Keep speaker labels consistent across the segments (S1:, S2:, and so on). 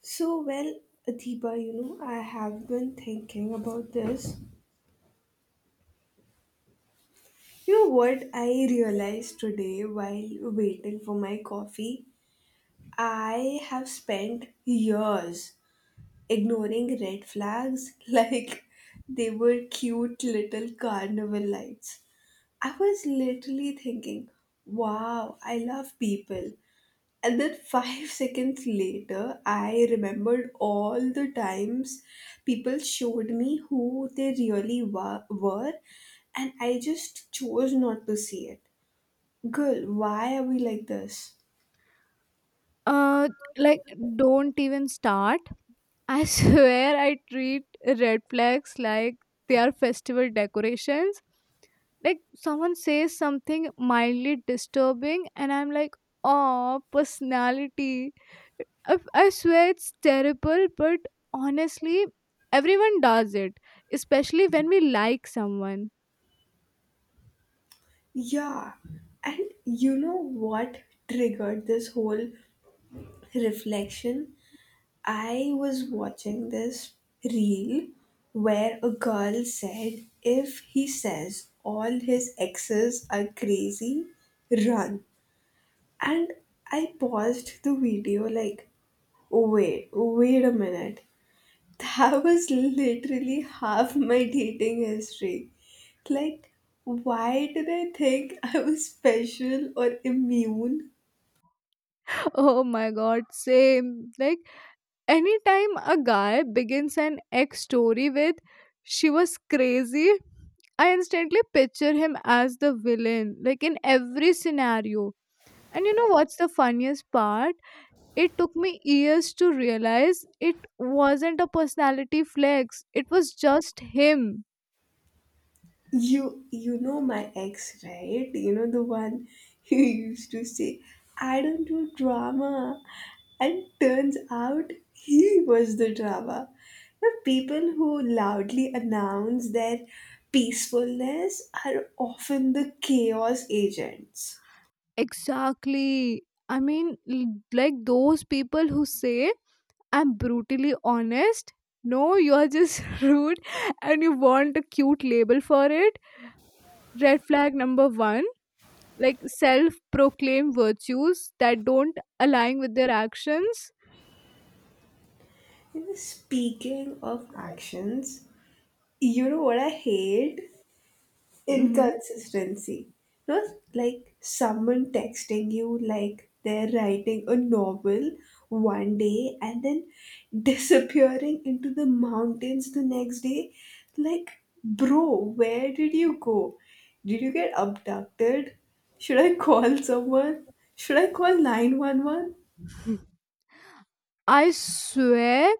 S1: So, well, Adiba, you know, I have been thinking about this. You know what I realized today while waiting for my coffee? I have spent years ignoring red flags like they were cute little carnival lights. I was literally thinking, wow, I love people. And then five seconds later, I remembered all the times people showed me who they really were, and I just chose not to see it. Girl, why are we like this?
S2: Uh, like don't even start. I swear I treat red flags like they are festival decorations. Like someone says something mildly disturbing, and I'm like, oh, personality. I swear it's terrible, but honestly, everyone does it, especially when we like someone.
S1: Yeah, and you know what triggered this whole reflection? I was watching this reel where a girl said, if he says all his exes are crazy, run. And I paused the video like, oh, wait, wait a minute. That was literally half my dating history. Like, why did I think I was special or immune?
S2: Oh my god, same. Like anytime a guy begins an ex story with, she was crazy, I instantly picture him as the villain, like in every scenario. And you know what's the funniest part? It took me years to realize it wasn't a personality flex, it was just him.
S1: You know my ex, right? You know the one who used to say, I don't do drama. And turns out he was the drama. The people who loudly announce their peacefulness are often the chaos agents.
S2: Exactly. I mean, like those people who say, I'm brutally honest. No, you're just rude and you want a cute label for it. Red flag number one, like self proclaimed virtues that don't align with their actions.
S1: You know, speaking of actions, you know what I hate?
S2: Hmm
S1: Inconsistency. Not like someone texting you like they're writing a novel one day and then disappearing into the mountains the next day. Like, bro, where did you go? Did you get abducted? Should I call someone? Should I call 911?
S2: I swear,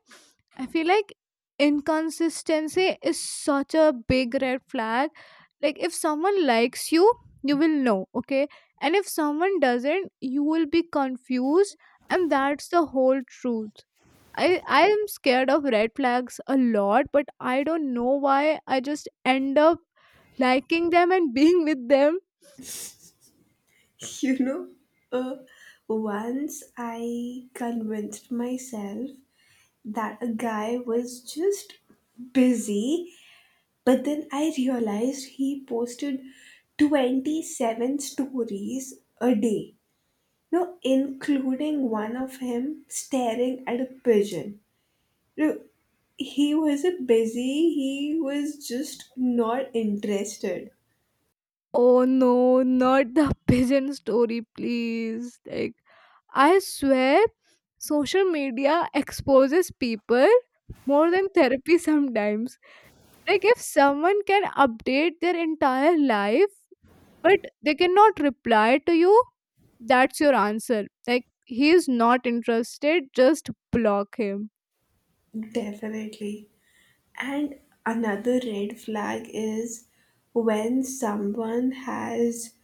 S2: I feel like inconsistency is such a big red flag. Like if someone likes you, you will know, okay? And if someone doesn't, you will be confused, and that's the whole truth. I i am scared of red flags a lot, but I don't know why. I just end up liking them and being with them.
S1: You know, uh, once I convinced myself that a guy was just busy, but then I realized he posted 27 stories a day, no including one of him staring at a pigeon. No, he wasn't busy, he was just not interested.
S2: Oh no, not the pigeon story, please. Like I swear, social media exposes people more than therapy sometimes. Like if someone can update their entire life, but they cannot reply to you, that's your answer. Like he is not interested, just block him.
S1: Definitely. And another red flag is when someone has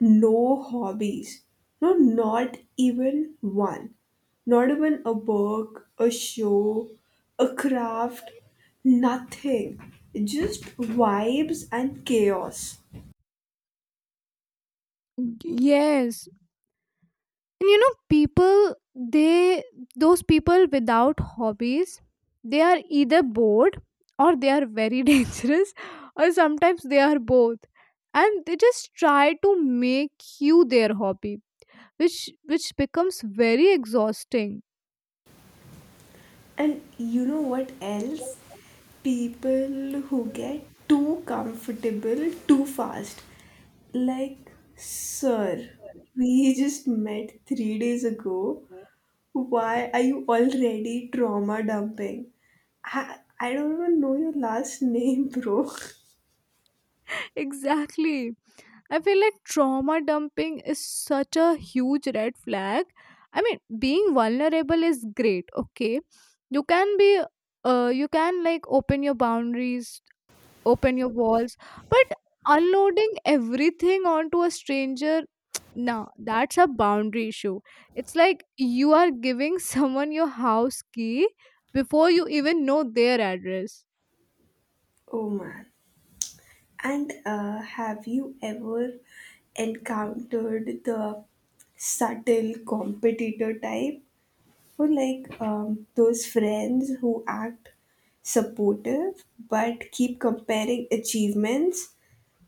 S1: no hobbies. No, not even one. Not even a book, a show, a craft, nothing. Just vibes and chaos.
S2: Yes. And you know, those people without hobbies, they are either bored or they are very dangerous, or sometimes they are both. And they just try to make you their hobby, which becomes very exhausting.
S1: And you know what else? People who get too comfortable too fast. Like, sir, we just met three days ago. Why are you already trauma dumping? I don't even know your last name, bro.
S2: Exactly, I feel like trauma dumping is such a huge red flag. I mean, being vulnerable is great, okay? You can be you can like open your boundaries, open your walls, but unloading everything onto a stranger, nah, that's a boundary issue. It's like you are giving someone your house key before you even know their address.
S1: Oh man. And have you ever encountered the subtle competitor type? For like those friends who act supportive but keep comparing achievements,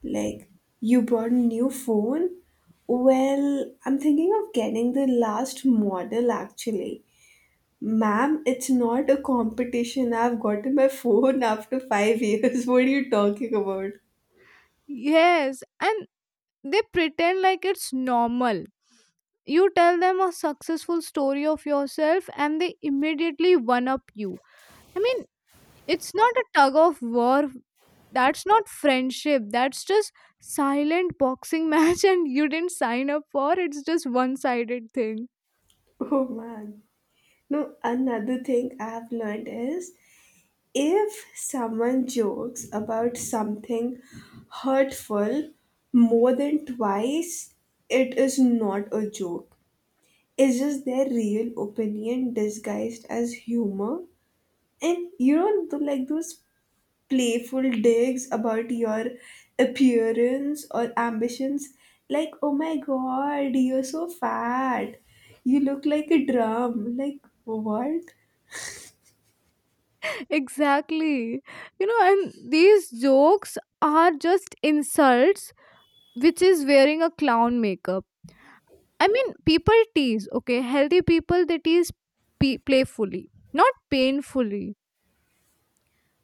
S1: like, you bought a new phone. Well, I'm thinking of getting the last model actually. Ma'am, it's not a competition, I've gotten my phone after five years. What are you talking about?
S2: Yes, and they pretend like it's normal. You tell them a successful story of yourself and they immediately one up you. I mean, it's not a tug of war. That's not friendship, that's just silent boxing match and you didn't sign up for it's just one sided thing.
S1: Oh man. No, another thing I've learned is if someone jokes about something hurtful more than twice, it is not a joke. It's just their real opinion disguised as humor. And you know, like those playful digs about your appearance or ambitions, like, oh my god, you're so fat, you look like a drum. Like, what?
S2: Exactly, you know, and these jokes are just insults which is wearing a clown makeup. I mean, people tease, okay? Healthy people, they tease playfully, not painfully.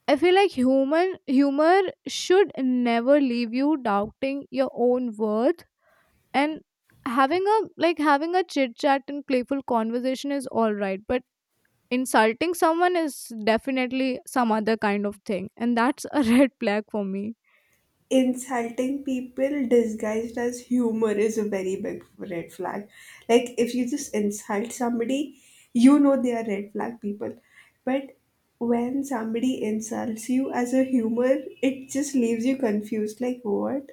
S2: I feel like human humor should never leave you doubting your own worth, and having a like having a chit chat and playful conversation is all right, but insulting someone is definitely some other kind of thing and that's a red flag for me.
S1: Insulting people disguised as humor is a very big red flag. Like if you just insult somebody, you know they are red flag people. But when somebody insults you as a humor, it just leaves you confused. Like what?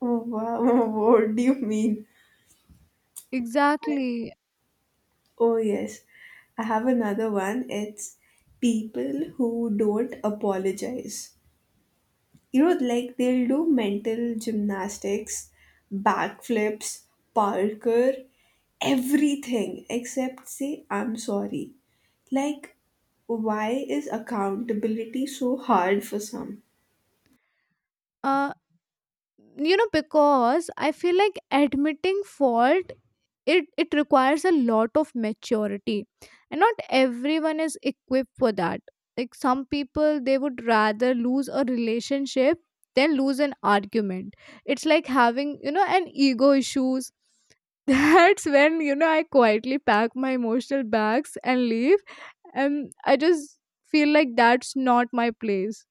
S1: Wha- What do you mean?
S2: Exactly.
S1: Oh yes, I have another one. It's people who don't apologize. You know, like they'll do mental gymnastics, backflips, parkour, everything except say I'm sorry. Like, why is accountability so hard for some?
S2: Uh you know, because I feel like admitting fault, it requires a lot of maturity, and not everyone is equipped for that. Like some people, they would rather lose a relationship than lose an argument. It's like having, you know, an ego issues. That's when, you know, I quietly pack my emotional bags and leave. And I just feel like that's not my place.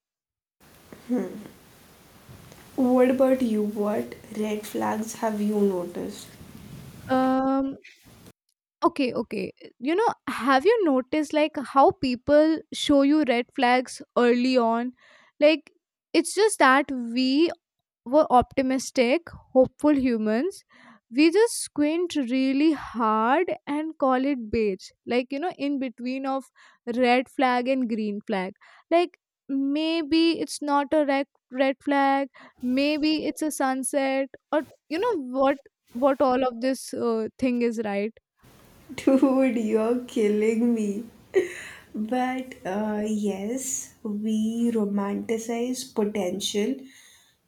S1: What about you, what red flags have you noticed?
S2: um Okay, okay. You know, have you noticed like how people show you red flags early on? Like, it's just that we were optimistic, hopeful humans. We just squint really hard and call it beige. Like, you know, in between of red flag and green flag. Like, maybe it's not a red flag, maybe it's a sunset, or you know what all of this thing is, right?
S1: Dude, you're killing me. But yes, we romanticize potential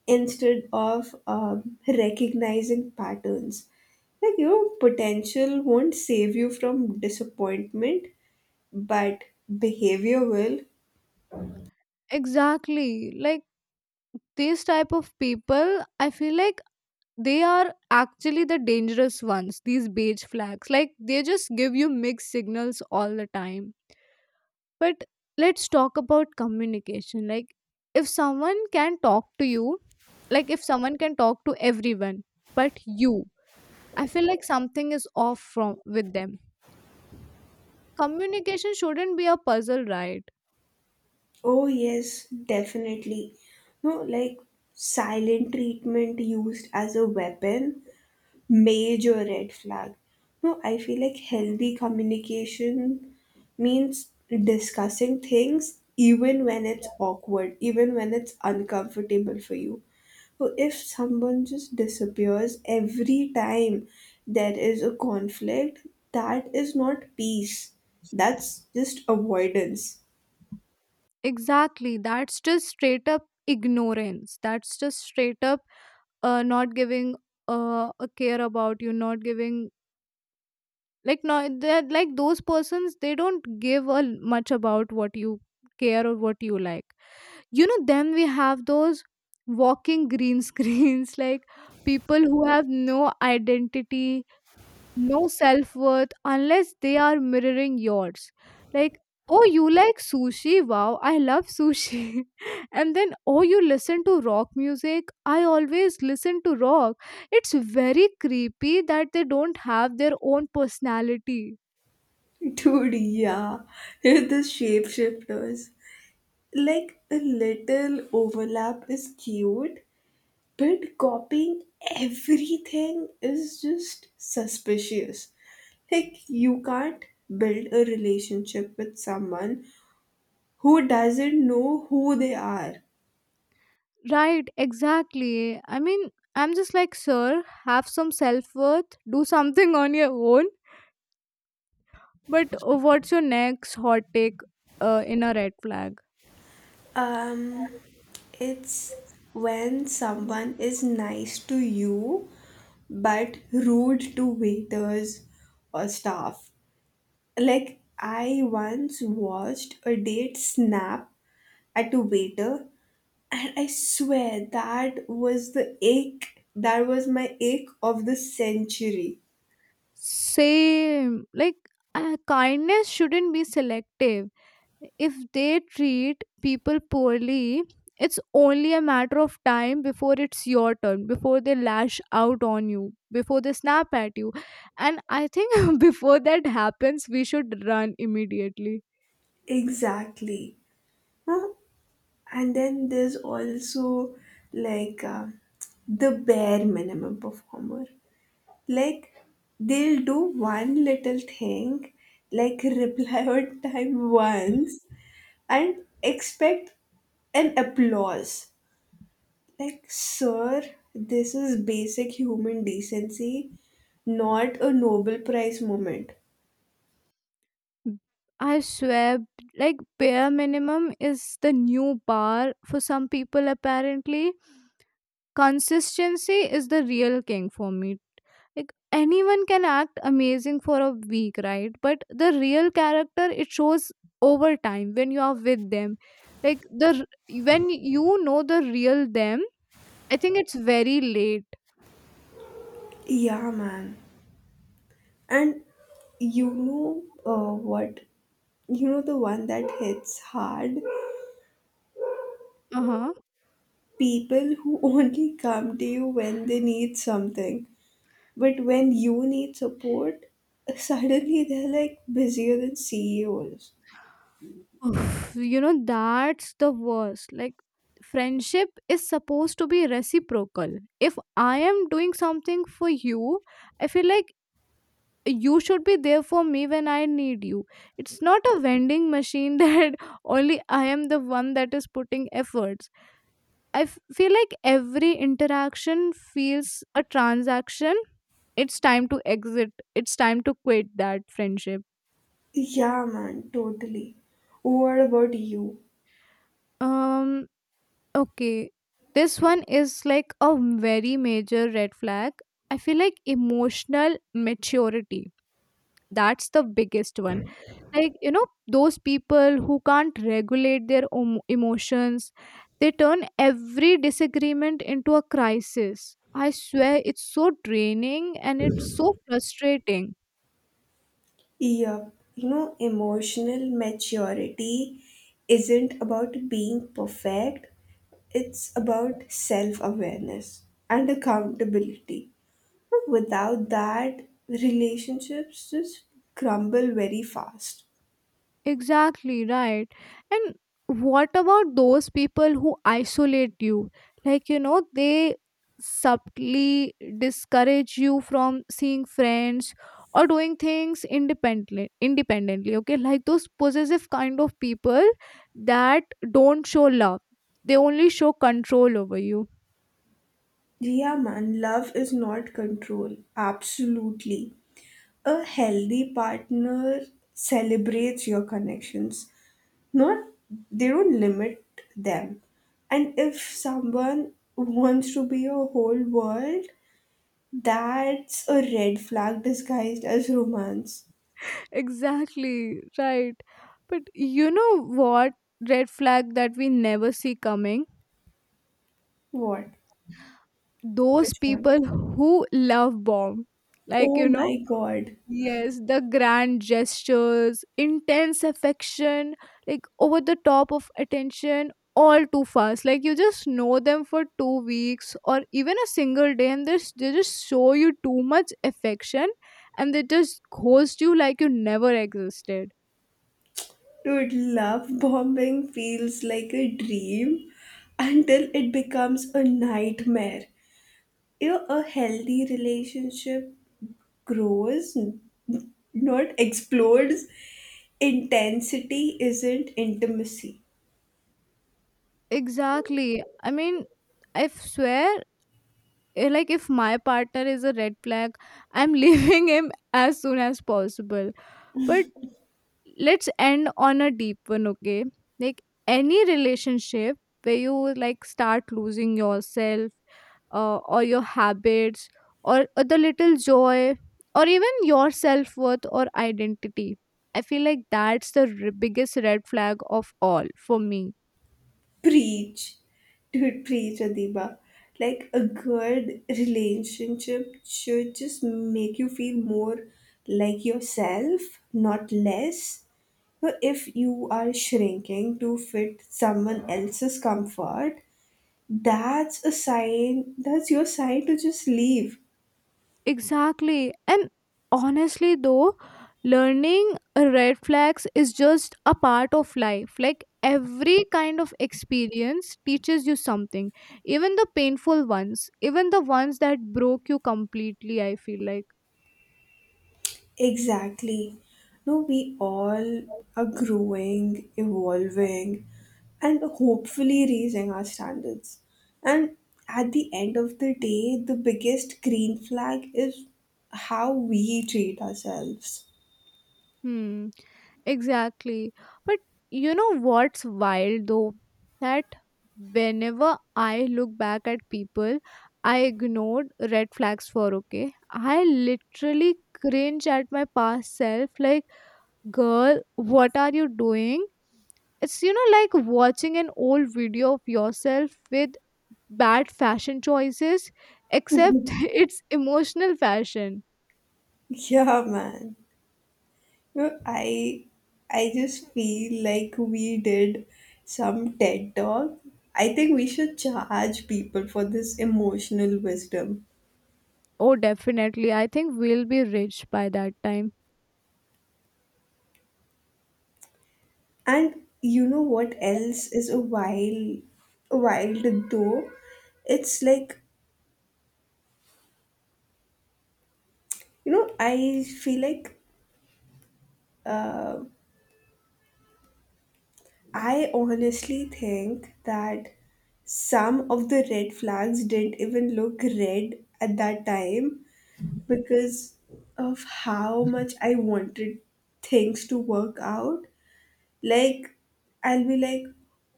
S1: instead of recognizing patterns. Like, your potential won't save you from disappointment, but behavior will.
S2: Exactly. Like these type of people, I feel like they are actually the dangerous ones, these beige flags. Like they just give you mixed signals all the time. But let's talk about communication. Like if someone can talk to you, like if someone can talk to everyone but you, I feel like something is off from with them. Communication shouldn't be a puzzle, right?
S1: Oh, yes, definitely. No, like silent treatment used as a weapon. Major red flag. No, I feel like healthy communication means discussing things even when it's awkward, even when it's uncomfortable for you. So if someone just disappears every time there is a conflict, that is not peace. That's just avoidance.
S2: Exactly. That's just straight up ignorance. That's just straight up not giving a care about you, not giving, like no, they're like those persons, they don't give a much about what you care or what you like. You know, then we have those walking green screens, like people who have no identity, no self worth unless they are mirroring yours. Like, oh, you like sushi? Wow, I love sushi. And then, oh, you listen to rock music? I always listen to rock. It's very creepy that they don't have their own personality.
S1: Dude, yeah. The shapeshifters. Like a little overlap is cute, but copying everything is just suspicious. Like, you can't build a relationship with someone who doesn't know who they are.
S2: Right, exactly. I mean, I'm just like, sir, have some self worth, do something on your own. But what's your next hot take in a red flag?
S1: Um, it's when someone is nice to you but rude to waiters or staff. Like, I once watched a date snap at a waiter. And I swear that was the ache, that was my ache of the century.
S2: Same. Like, kindness shouldn't be selective. If they treat people poorly, it's only a matter of time before it's your turn, before they lash out on you, before they snap at you. And I think before that happens, we should run immediately.
S1: Exactly. Huh? And then there's also like the bare minimum performer. Like they'll do one little thing, like reply on time once, and expect an applause. Like, sir, this is basic human decency, not a Nobel Prize moment.
S2: I swear, like bare minimum is the new bar for some people, apparently. Consistency is the real king for me. Like anyone can act amazing for a week, right? But the real character it shows over time when you are with them. Like when you know the real them, I think it's very late.
S1: Yeah, man. And you know what? You know the one that hits hard?
S2: Uh-huh.
S1: People who only come to you when they need something. But when you need support, suddenly they're like busier than CEOs.
S2: Oof, you know that's the worst. Like friendship is supposed to be reciprocal. If I am doing something for you, I feel like you should be there for me when I need you. It's not a vending machine that only I am the one that is putting efforts. Feel like every interaction feels a transaction, it's time to exit, it's time to quit that friendship.
S1: Yeah, man, totally. What about you?
S2: um okay, this one is like a very major red flag. I feel like emotional maturity, that's the biggest one. Like, you know, those people who can't regulate their emotions, they turn every disagreement into a crisis. I swear, it's so draining and it's so frustrating.
S1: Yep. You know, emotional maturity isn't about being perfect, it's about self awareness and accountability. Without that, relationships just crumble very fast.
S2: Exactly, right. And what about those people who isolate you? Like, you know, they subtly discourage you from seeing friends or doing things independently, okay? Like those possessive kind of people that don't show love, they only show control over you.
S1: Yeah, man, love is not control. Absolutely. A healthy partner celebrates your connections, not, they don't limit them. And if someone wants to be a whole world, that's a red flag disguised as romance.
S2: Exactly, right. But you know what red flag that we never see coming?
S1: What
S2: Those
S1: which one?
S2: people who love bomb, like
S1: Oh
S2: you know.
S1: my god.
S2: Yes, the grand gestures, intense affection, like over the top of attention, all too fast, like you just know them for 2 weeks or even a single day and they just show you too much affection, and they just ghost you like you never existed.
S1: Dude, love bombing feels like a dream until it becomes a nightmare. You know, a healthy relationship grows, not explodes. Intensity isn't intimacy.
S2: Exactly, I mean, I swear, like if my partner is a red flag, I'm leaving him as soon as possible. But let's end on a deep one, okay? Like any relationship where you like start losing yourself, or your habits, or the little joy, or even your self-worth or identity, I feel like that's biggest red flag of all for me.
S1: Preach. Dude, preach, Adiba. Like a good relationship should just make you feel more like yourself, not less. So if you are shrinking to fit someone else's comfort, that's a sign, that's your sign to just leave.
S2: Exactly. And honestly, though, learning red flags is just a part of life. Like every kind of experience teaches you something, even the painful ones, even the ones that broke you completely. I feel like,
S1: Exactly. No, we all are growing, evolving, and hopefully raising our standards. And at the end of the day, the biggest green flag is how we treat ourselves.
S2: hmm. Exactly. But you know what's wild though? That whenever I look back at people I ignored red flags for, okay? I literally cringe at my past self like, girl, what are you doing? It's, you know, like watching an old video of yourself with bad fashion choices, except it's emotional fashion.
S1: Yeah, man. No, I just feel like we did some TED talk. I think we should charge people for this emotional wisdom.
S2: Oh, definitely. I think we'll be rich by that time.
S1: And you know what else is a wild though? It's like, you know, I feel like uh, I honestly think that some of the red flags didn't even look red at that time because of how much I wanted things to work out. Like, I'll be like,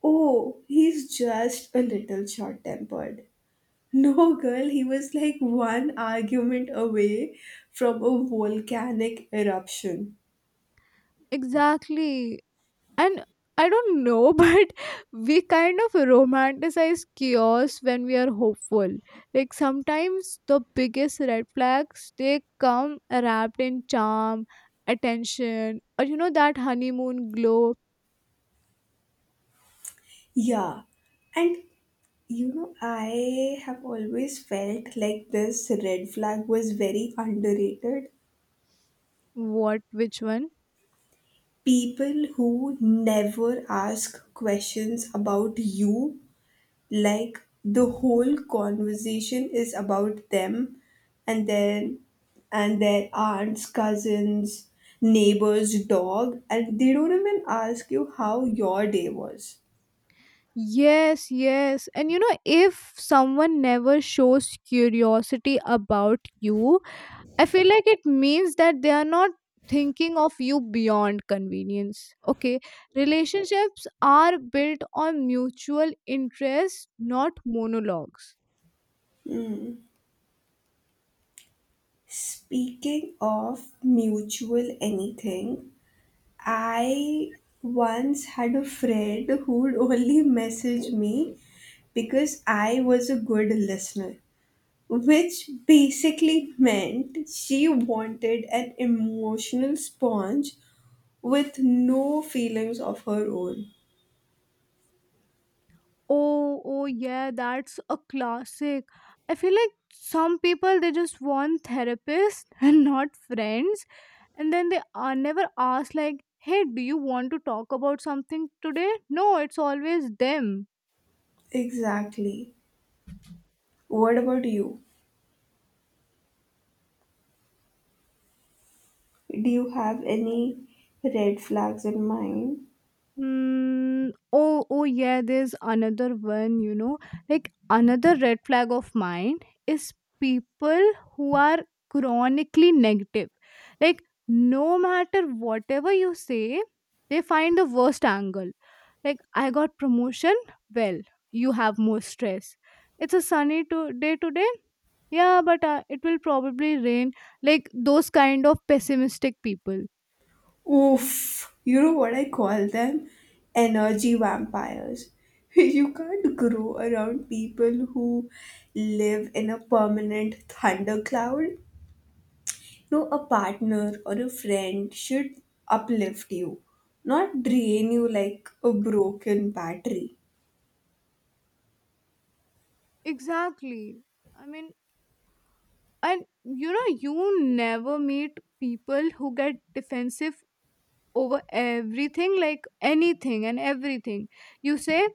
S1: oh, he's just a little short tempered. No, girl, he was like one argument away from a volcanic eruption.
S2: Exactly. And I don't know, but we kind of romanticize chaos when we are hopeful. Like sometimes the biggest red flags they come wrapped in charm, attention, or you know that honeymoon glow.
S1: Yeah, and you know, I have always felt like this red flag was very underrated.
S2: What, which one?
S1: People who never ask questions about you. Like the whole conversation is about them and then and their aunts, cousins, neighbors, dog, and they don't even ask you how your day was.
S2: Yes, yes. And you know, if someone never shows curiosity about you, I feel like it means that they are not thinking of you beyond convenience. Okay, relationships are built on mutual interest, not monologues.
S1: Speaking of mutual anything, I once had a friend who would only message me because I was a good listener, which basically meant she wanted an emotional sponge with no feelings of her own.
S2: Oh, oh yeah, that's a classic. I feel like some people they just want therapists and not friends, and then they are never ask like, "Hey, do you want to talk about something today?" No, it's always them.
S1: Exactly. What about you? Do you have any red flags in mind?
S2: Mm, oh, oh yeah, there's another one, you know. Like another red flag of mine is people who are chronically negative. Like no matter whatever you say, they find the worst angle. Like I got promotion, well, you have more stress. It's a sunny day today. Yeah, but it will probably rain. Like those kind of pessimistic people.
S1: Oof, you know what I call them? Energy vampires. You can't grow around people who live in a permanent thundercloud. No, a partner or a friend should uplift you, not drain you like a broken battery.
S2: Exactly. I mean, and you know, you never meet people who get defensive over everything, like anything and everything you say,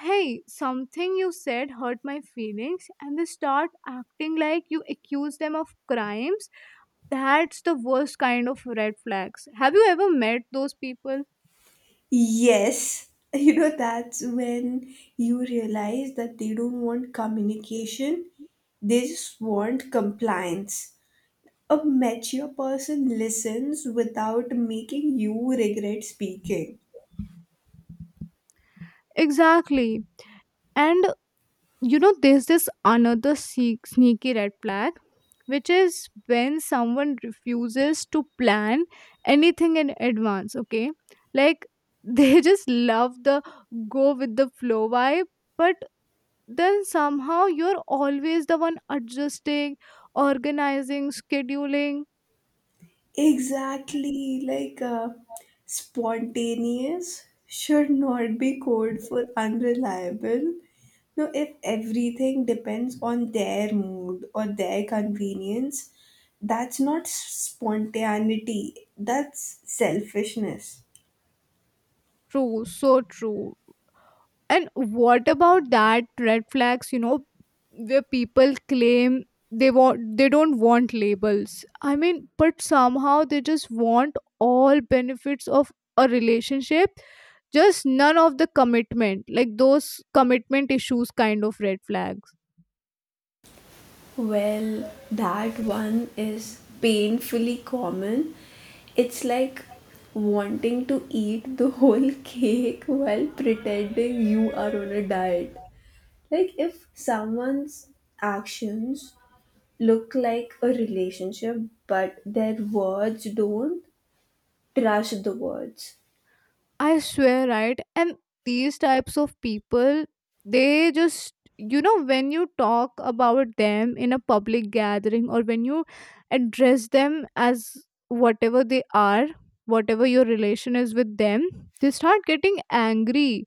S2: hey something you said hurt my feelings, and they start acting like you accuse them of crimes. That's the worst kind of red flags, have you ever met those people?
S1: Yes, you know, that's when you realize that they don't want communication, they just want compliance. A mature person listens without making you regret speaking.
S2: Exactly. And you know, there's this another sneaky red flag, which is when someone refuses to plan anything in advance, okay? Like they just love the go with the flow vibe, but then somehow you're always the one adjusting, organizing, scheduling.
S1: Exactly, like spontaneous should not be code for unreliable. Now, if everything depends on their mood or their convenience, that's not spontaneity, that's selfishness.
S2: True, so true. And what about that red flags, you know, where people claim they don't want labels. I mean, but somehow they just want all benefits of a relationship, just none of the commitment. Like those commitment issues kind of red flags.
S1: Well, that one is painfully common. It's like wanting to eat the whole cake while pretending you are on a diet. Like if someone's actions look like a relationship but their words don't, trash the words.
S2: I swear, right? And these types of people, they just, you know, when you talk about them in a public gathering or when you address them as whatever they are, whatever your relation is with them, they start getting angry.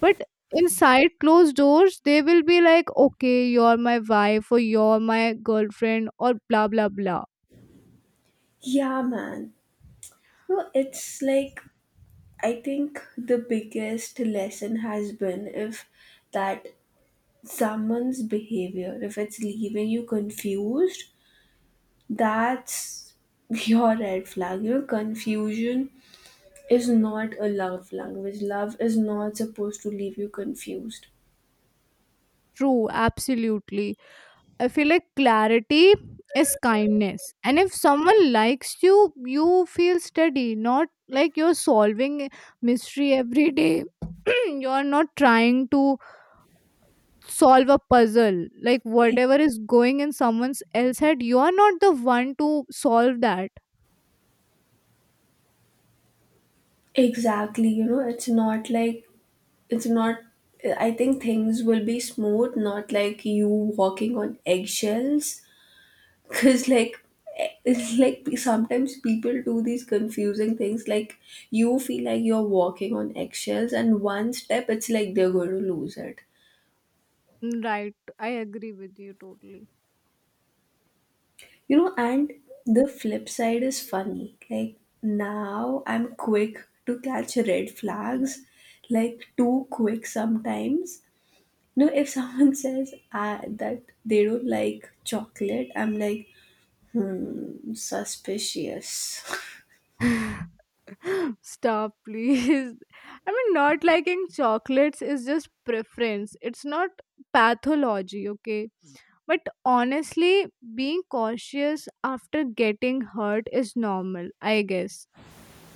S2: But inside closed doors, they will be like, okay, you're my wife or you're my girlfriend or blah, blah, blah.
S1: Yeah, man. No, it's like I think the biggest lesson has been if that someone's behavior if it's leaving you confused, that's your red flag. You know, confusion is not a love language. Love is not supposed to leave you confused.
S2: True, absolutely. I feel like clarity is kindness. And if someone likes you, you feel steady, not like you're solving a mystery every day. You're not trying to solve a puzzle. Like whatever is going in someone's else head, you're not the one to solve that.
S1: Exactly, you know, it's not I think things will be smooth, not like you walking on eggshells cuz like it's like sometimes people do these confusing things, like you feel like you're walking on eggshells and one step it's like they're going to lose it.
S2: Mm, right. I agree with you totally.
S1: You know, and the flip side is funny. Like now I'm quick to catch red flags, like too quick sometimes. No, if someone says that they don't like chocolate, I'm like, hmm, suspicious.
S2: Stop, please. I mean, not liking chocolates is just preference. It's not pathology, okay? But honestly, being cautious after getting hurt is normal, I guess.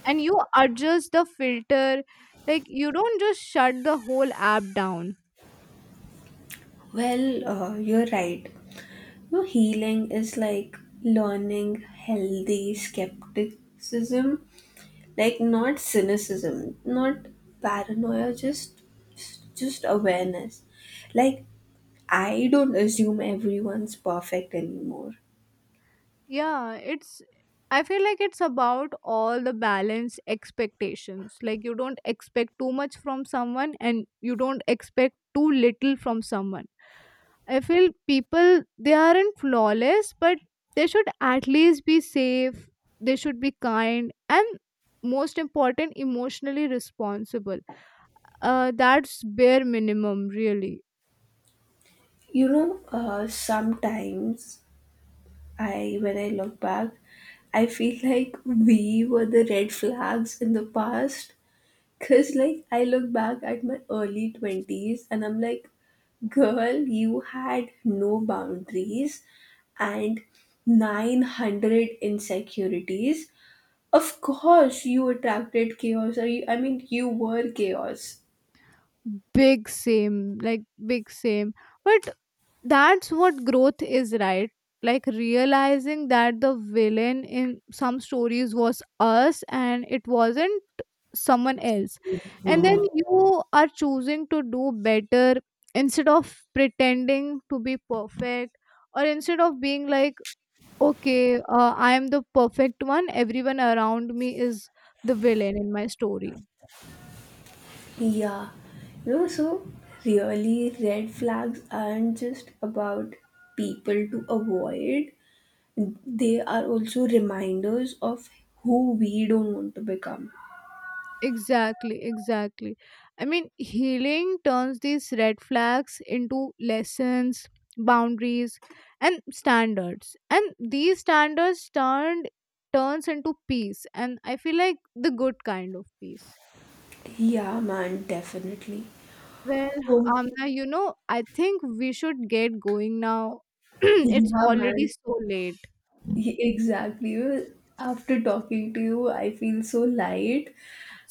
S2: And you adjust the filter, like, you don't just shut the whole app down.
S1: Well, you're right. No, healing is like learning healthy skepticism, like not cynicism, not paranoia, just awareness. Like I don't assume everyone's perfect anymore.
S2: Yeah, it's, I feel like it's about all the balance expectations, like you don't expect too much from someone and you don't expect too little from someone. I feel people they aren't flawless, but they should at least be safe, they should be kind and most important emotionally responsible. That's bare minimum really.
S1: You know, sometimes I when I look back, I feel like we were the red flags in the past. Cause like I look back at my early twenties and I'm like, girl, you had no boundaries and 900 insecurities. Of course, you attracted chaos. Or you, I mean, you were chaos.
S2: Big same. But that's what growth is, right? Like realizing that the villain in some stories was us and it wasn't someone else, and then you are choosing to do better instead of pretending to be perfect, or instead of being like, okay I am the perfect one, everyone around me is the villain in my story.
S1: Yeah. You know, so really, red flags aren't just about people to avoid, they are also reminders of who we don't want to become.
S2: Exactly, exactly. I mean, healing turns these red flags into lessons, boundaries, and standards. And these standards turned turns into peace. And I feel like the good kind of peace.
S1: Yeah, man, definitely.
S2: Well,
S1: Um,
S2: Amna, you know, I think we should get going now. It's
S1: yeah,
S2: already
S1: man,
S2: so late.
S1: Exactly. Well, after talking to you, I feel so light,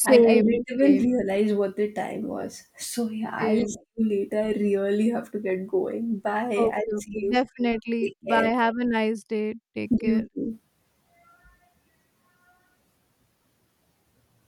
S1: and I
S2: Same,
S1: didn't even realize what the time was. So, yeah, I'll
S2: same.
S1: see you later. I really have to get going. Bye.
S2: Okay,
S1: I'll see
S2: okay.
S1: you.
S2: Definitely.
S1: Take
S2: Bye.
S1: care.
S2: Have a nice day. Take care.
S1: You too.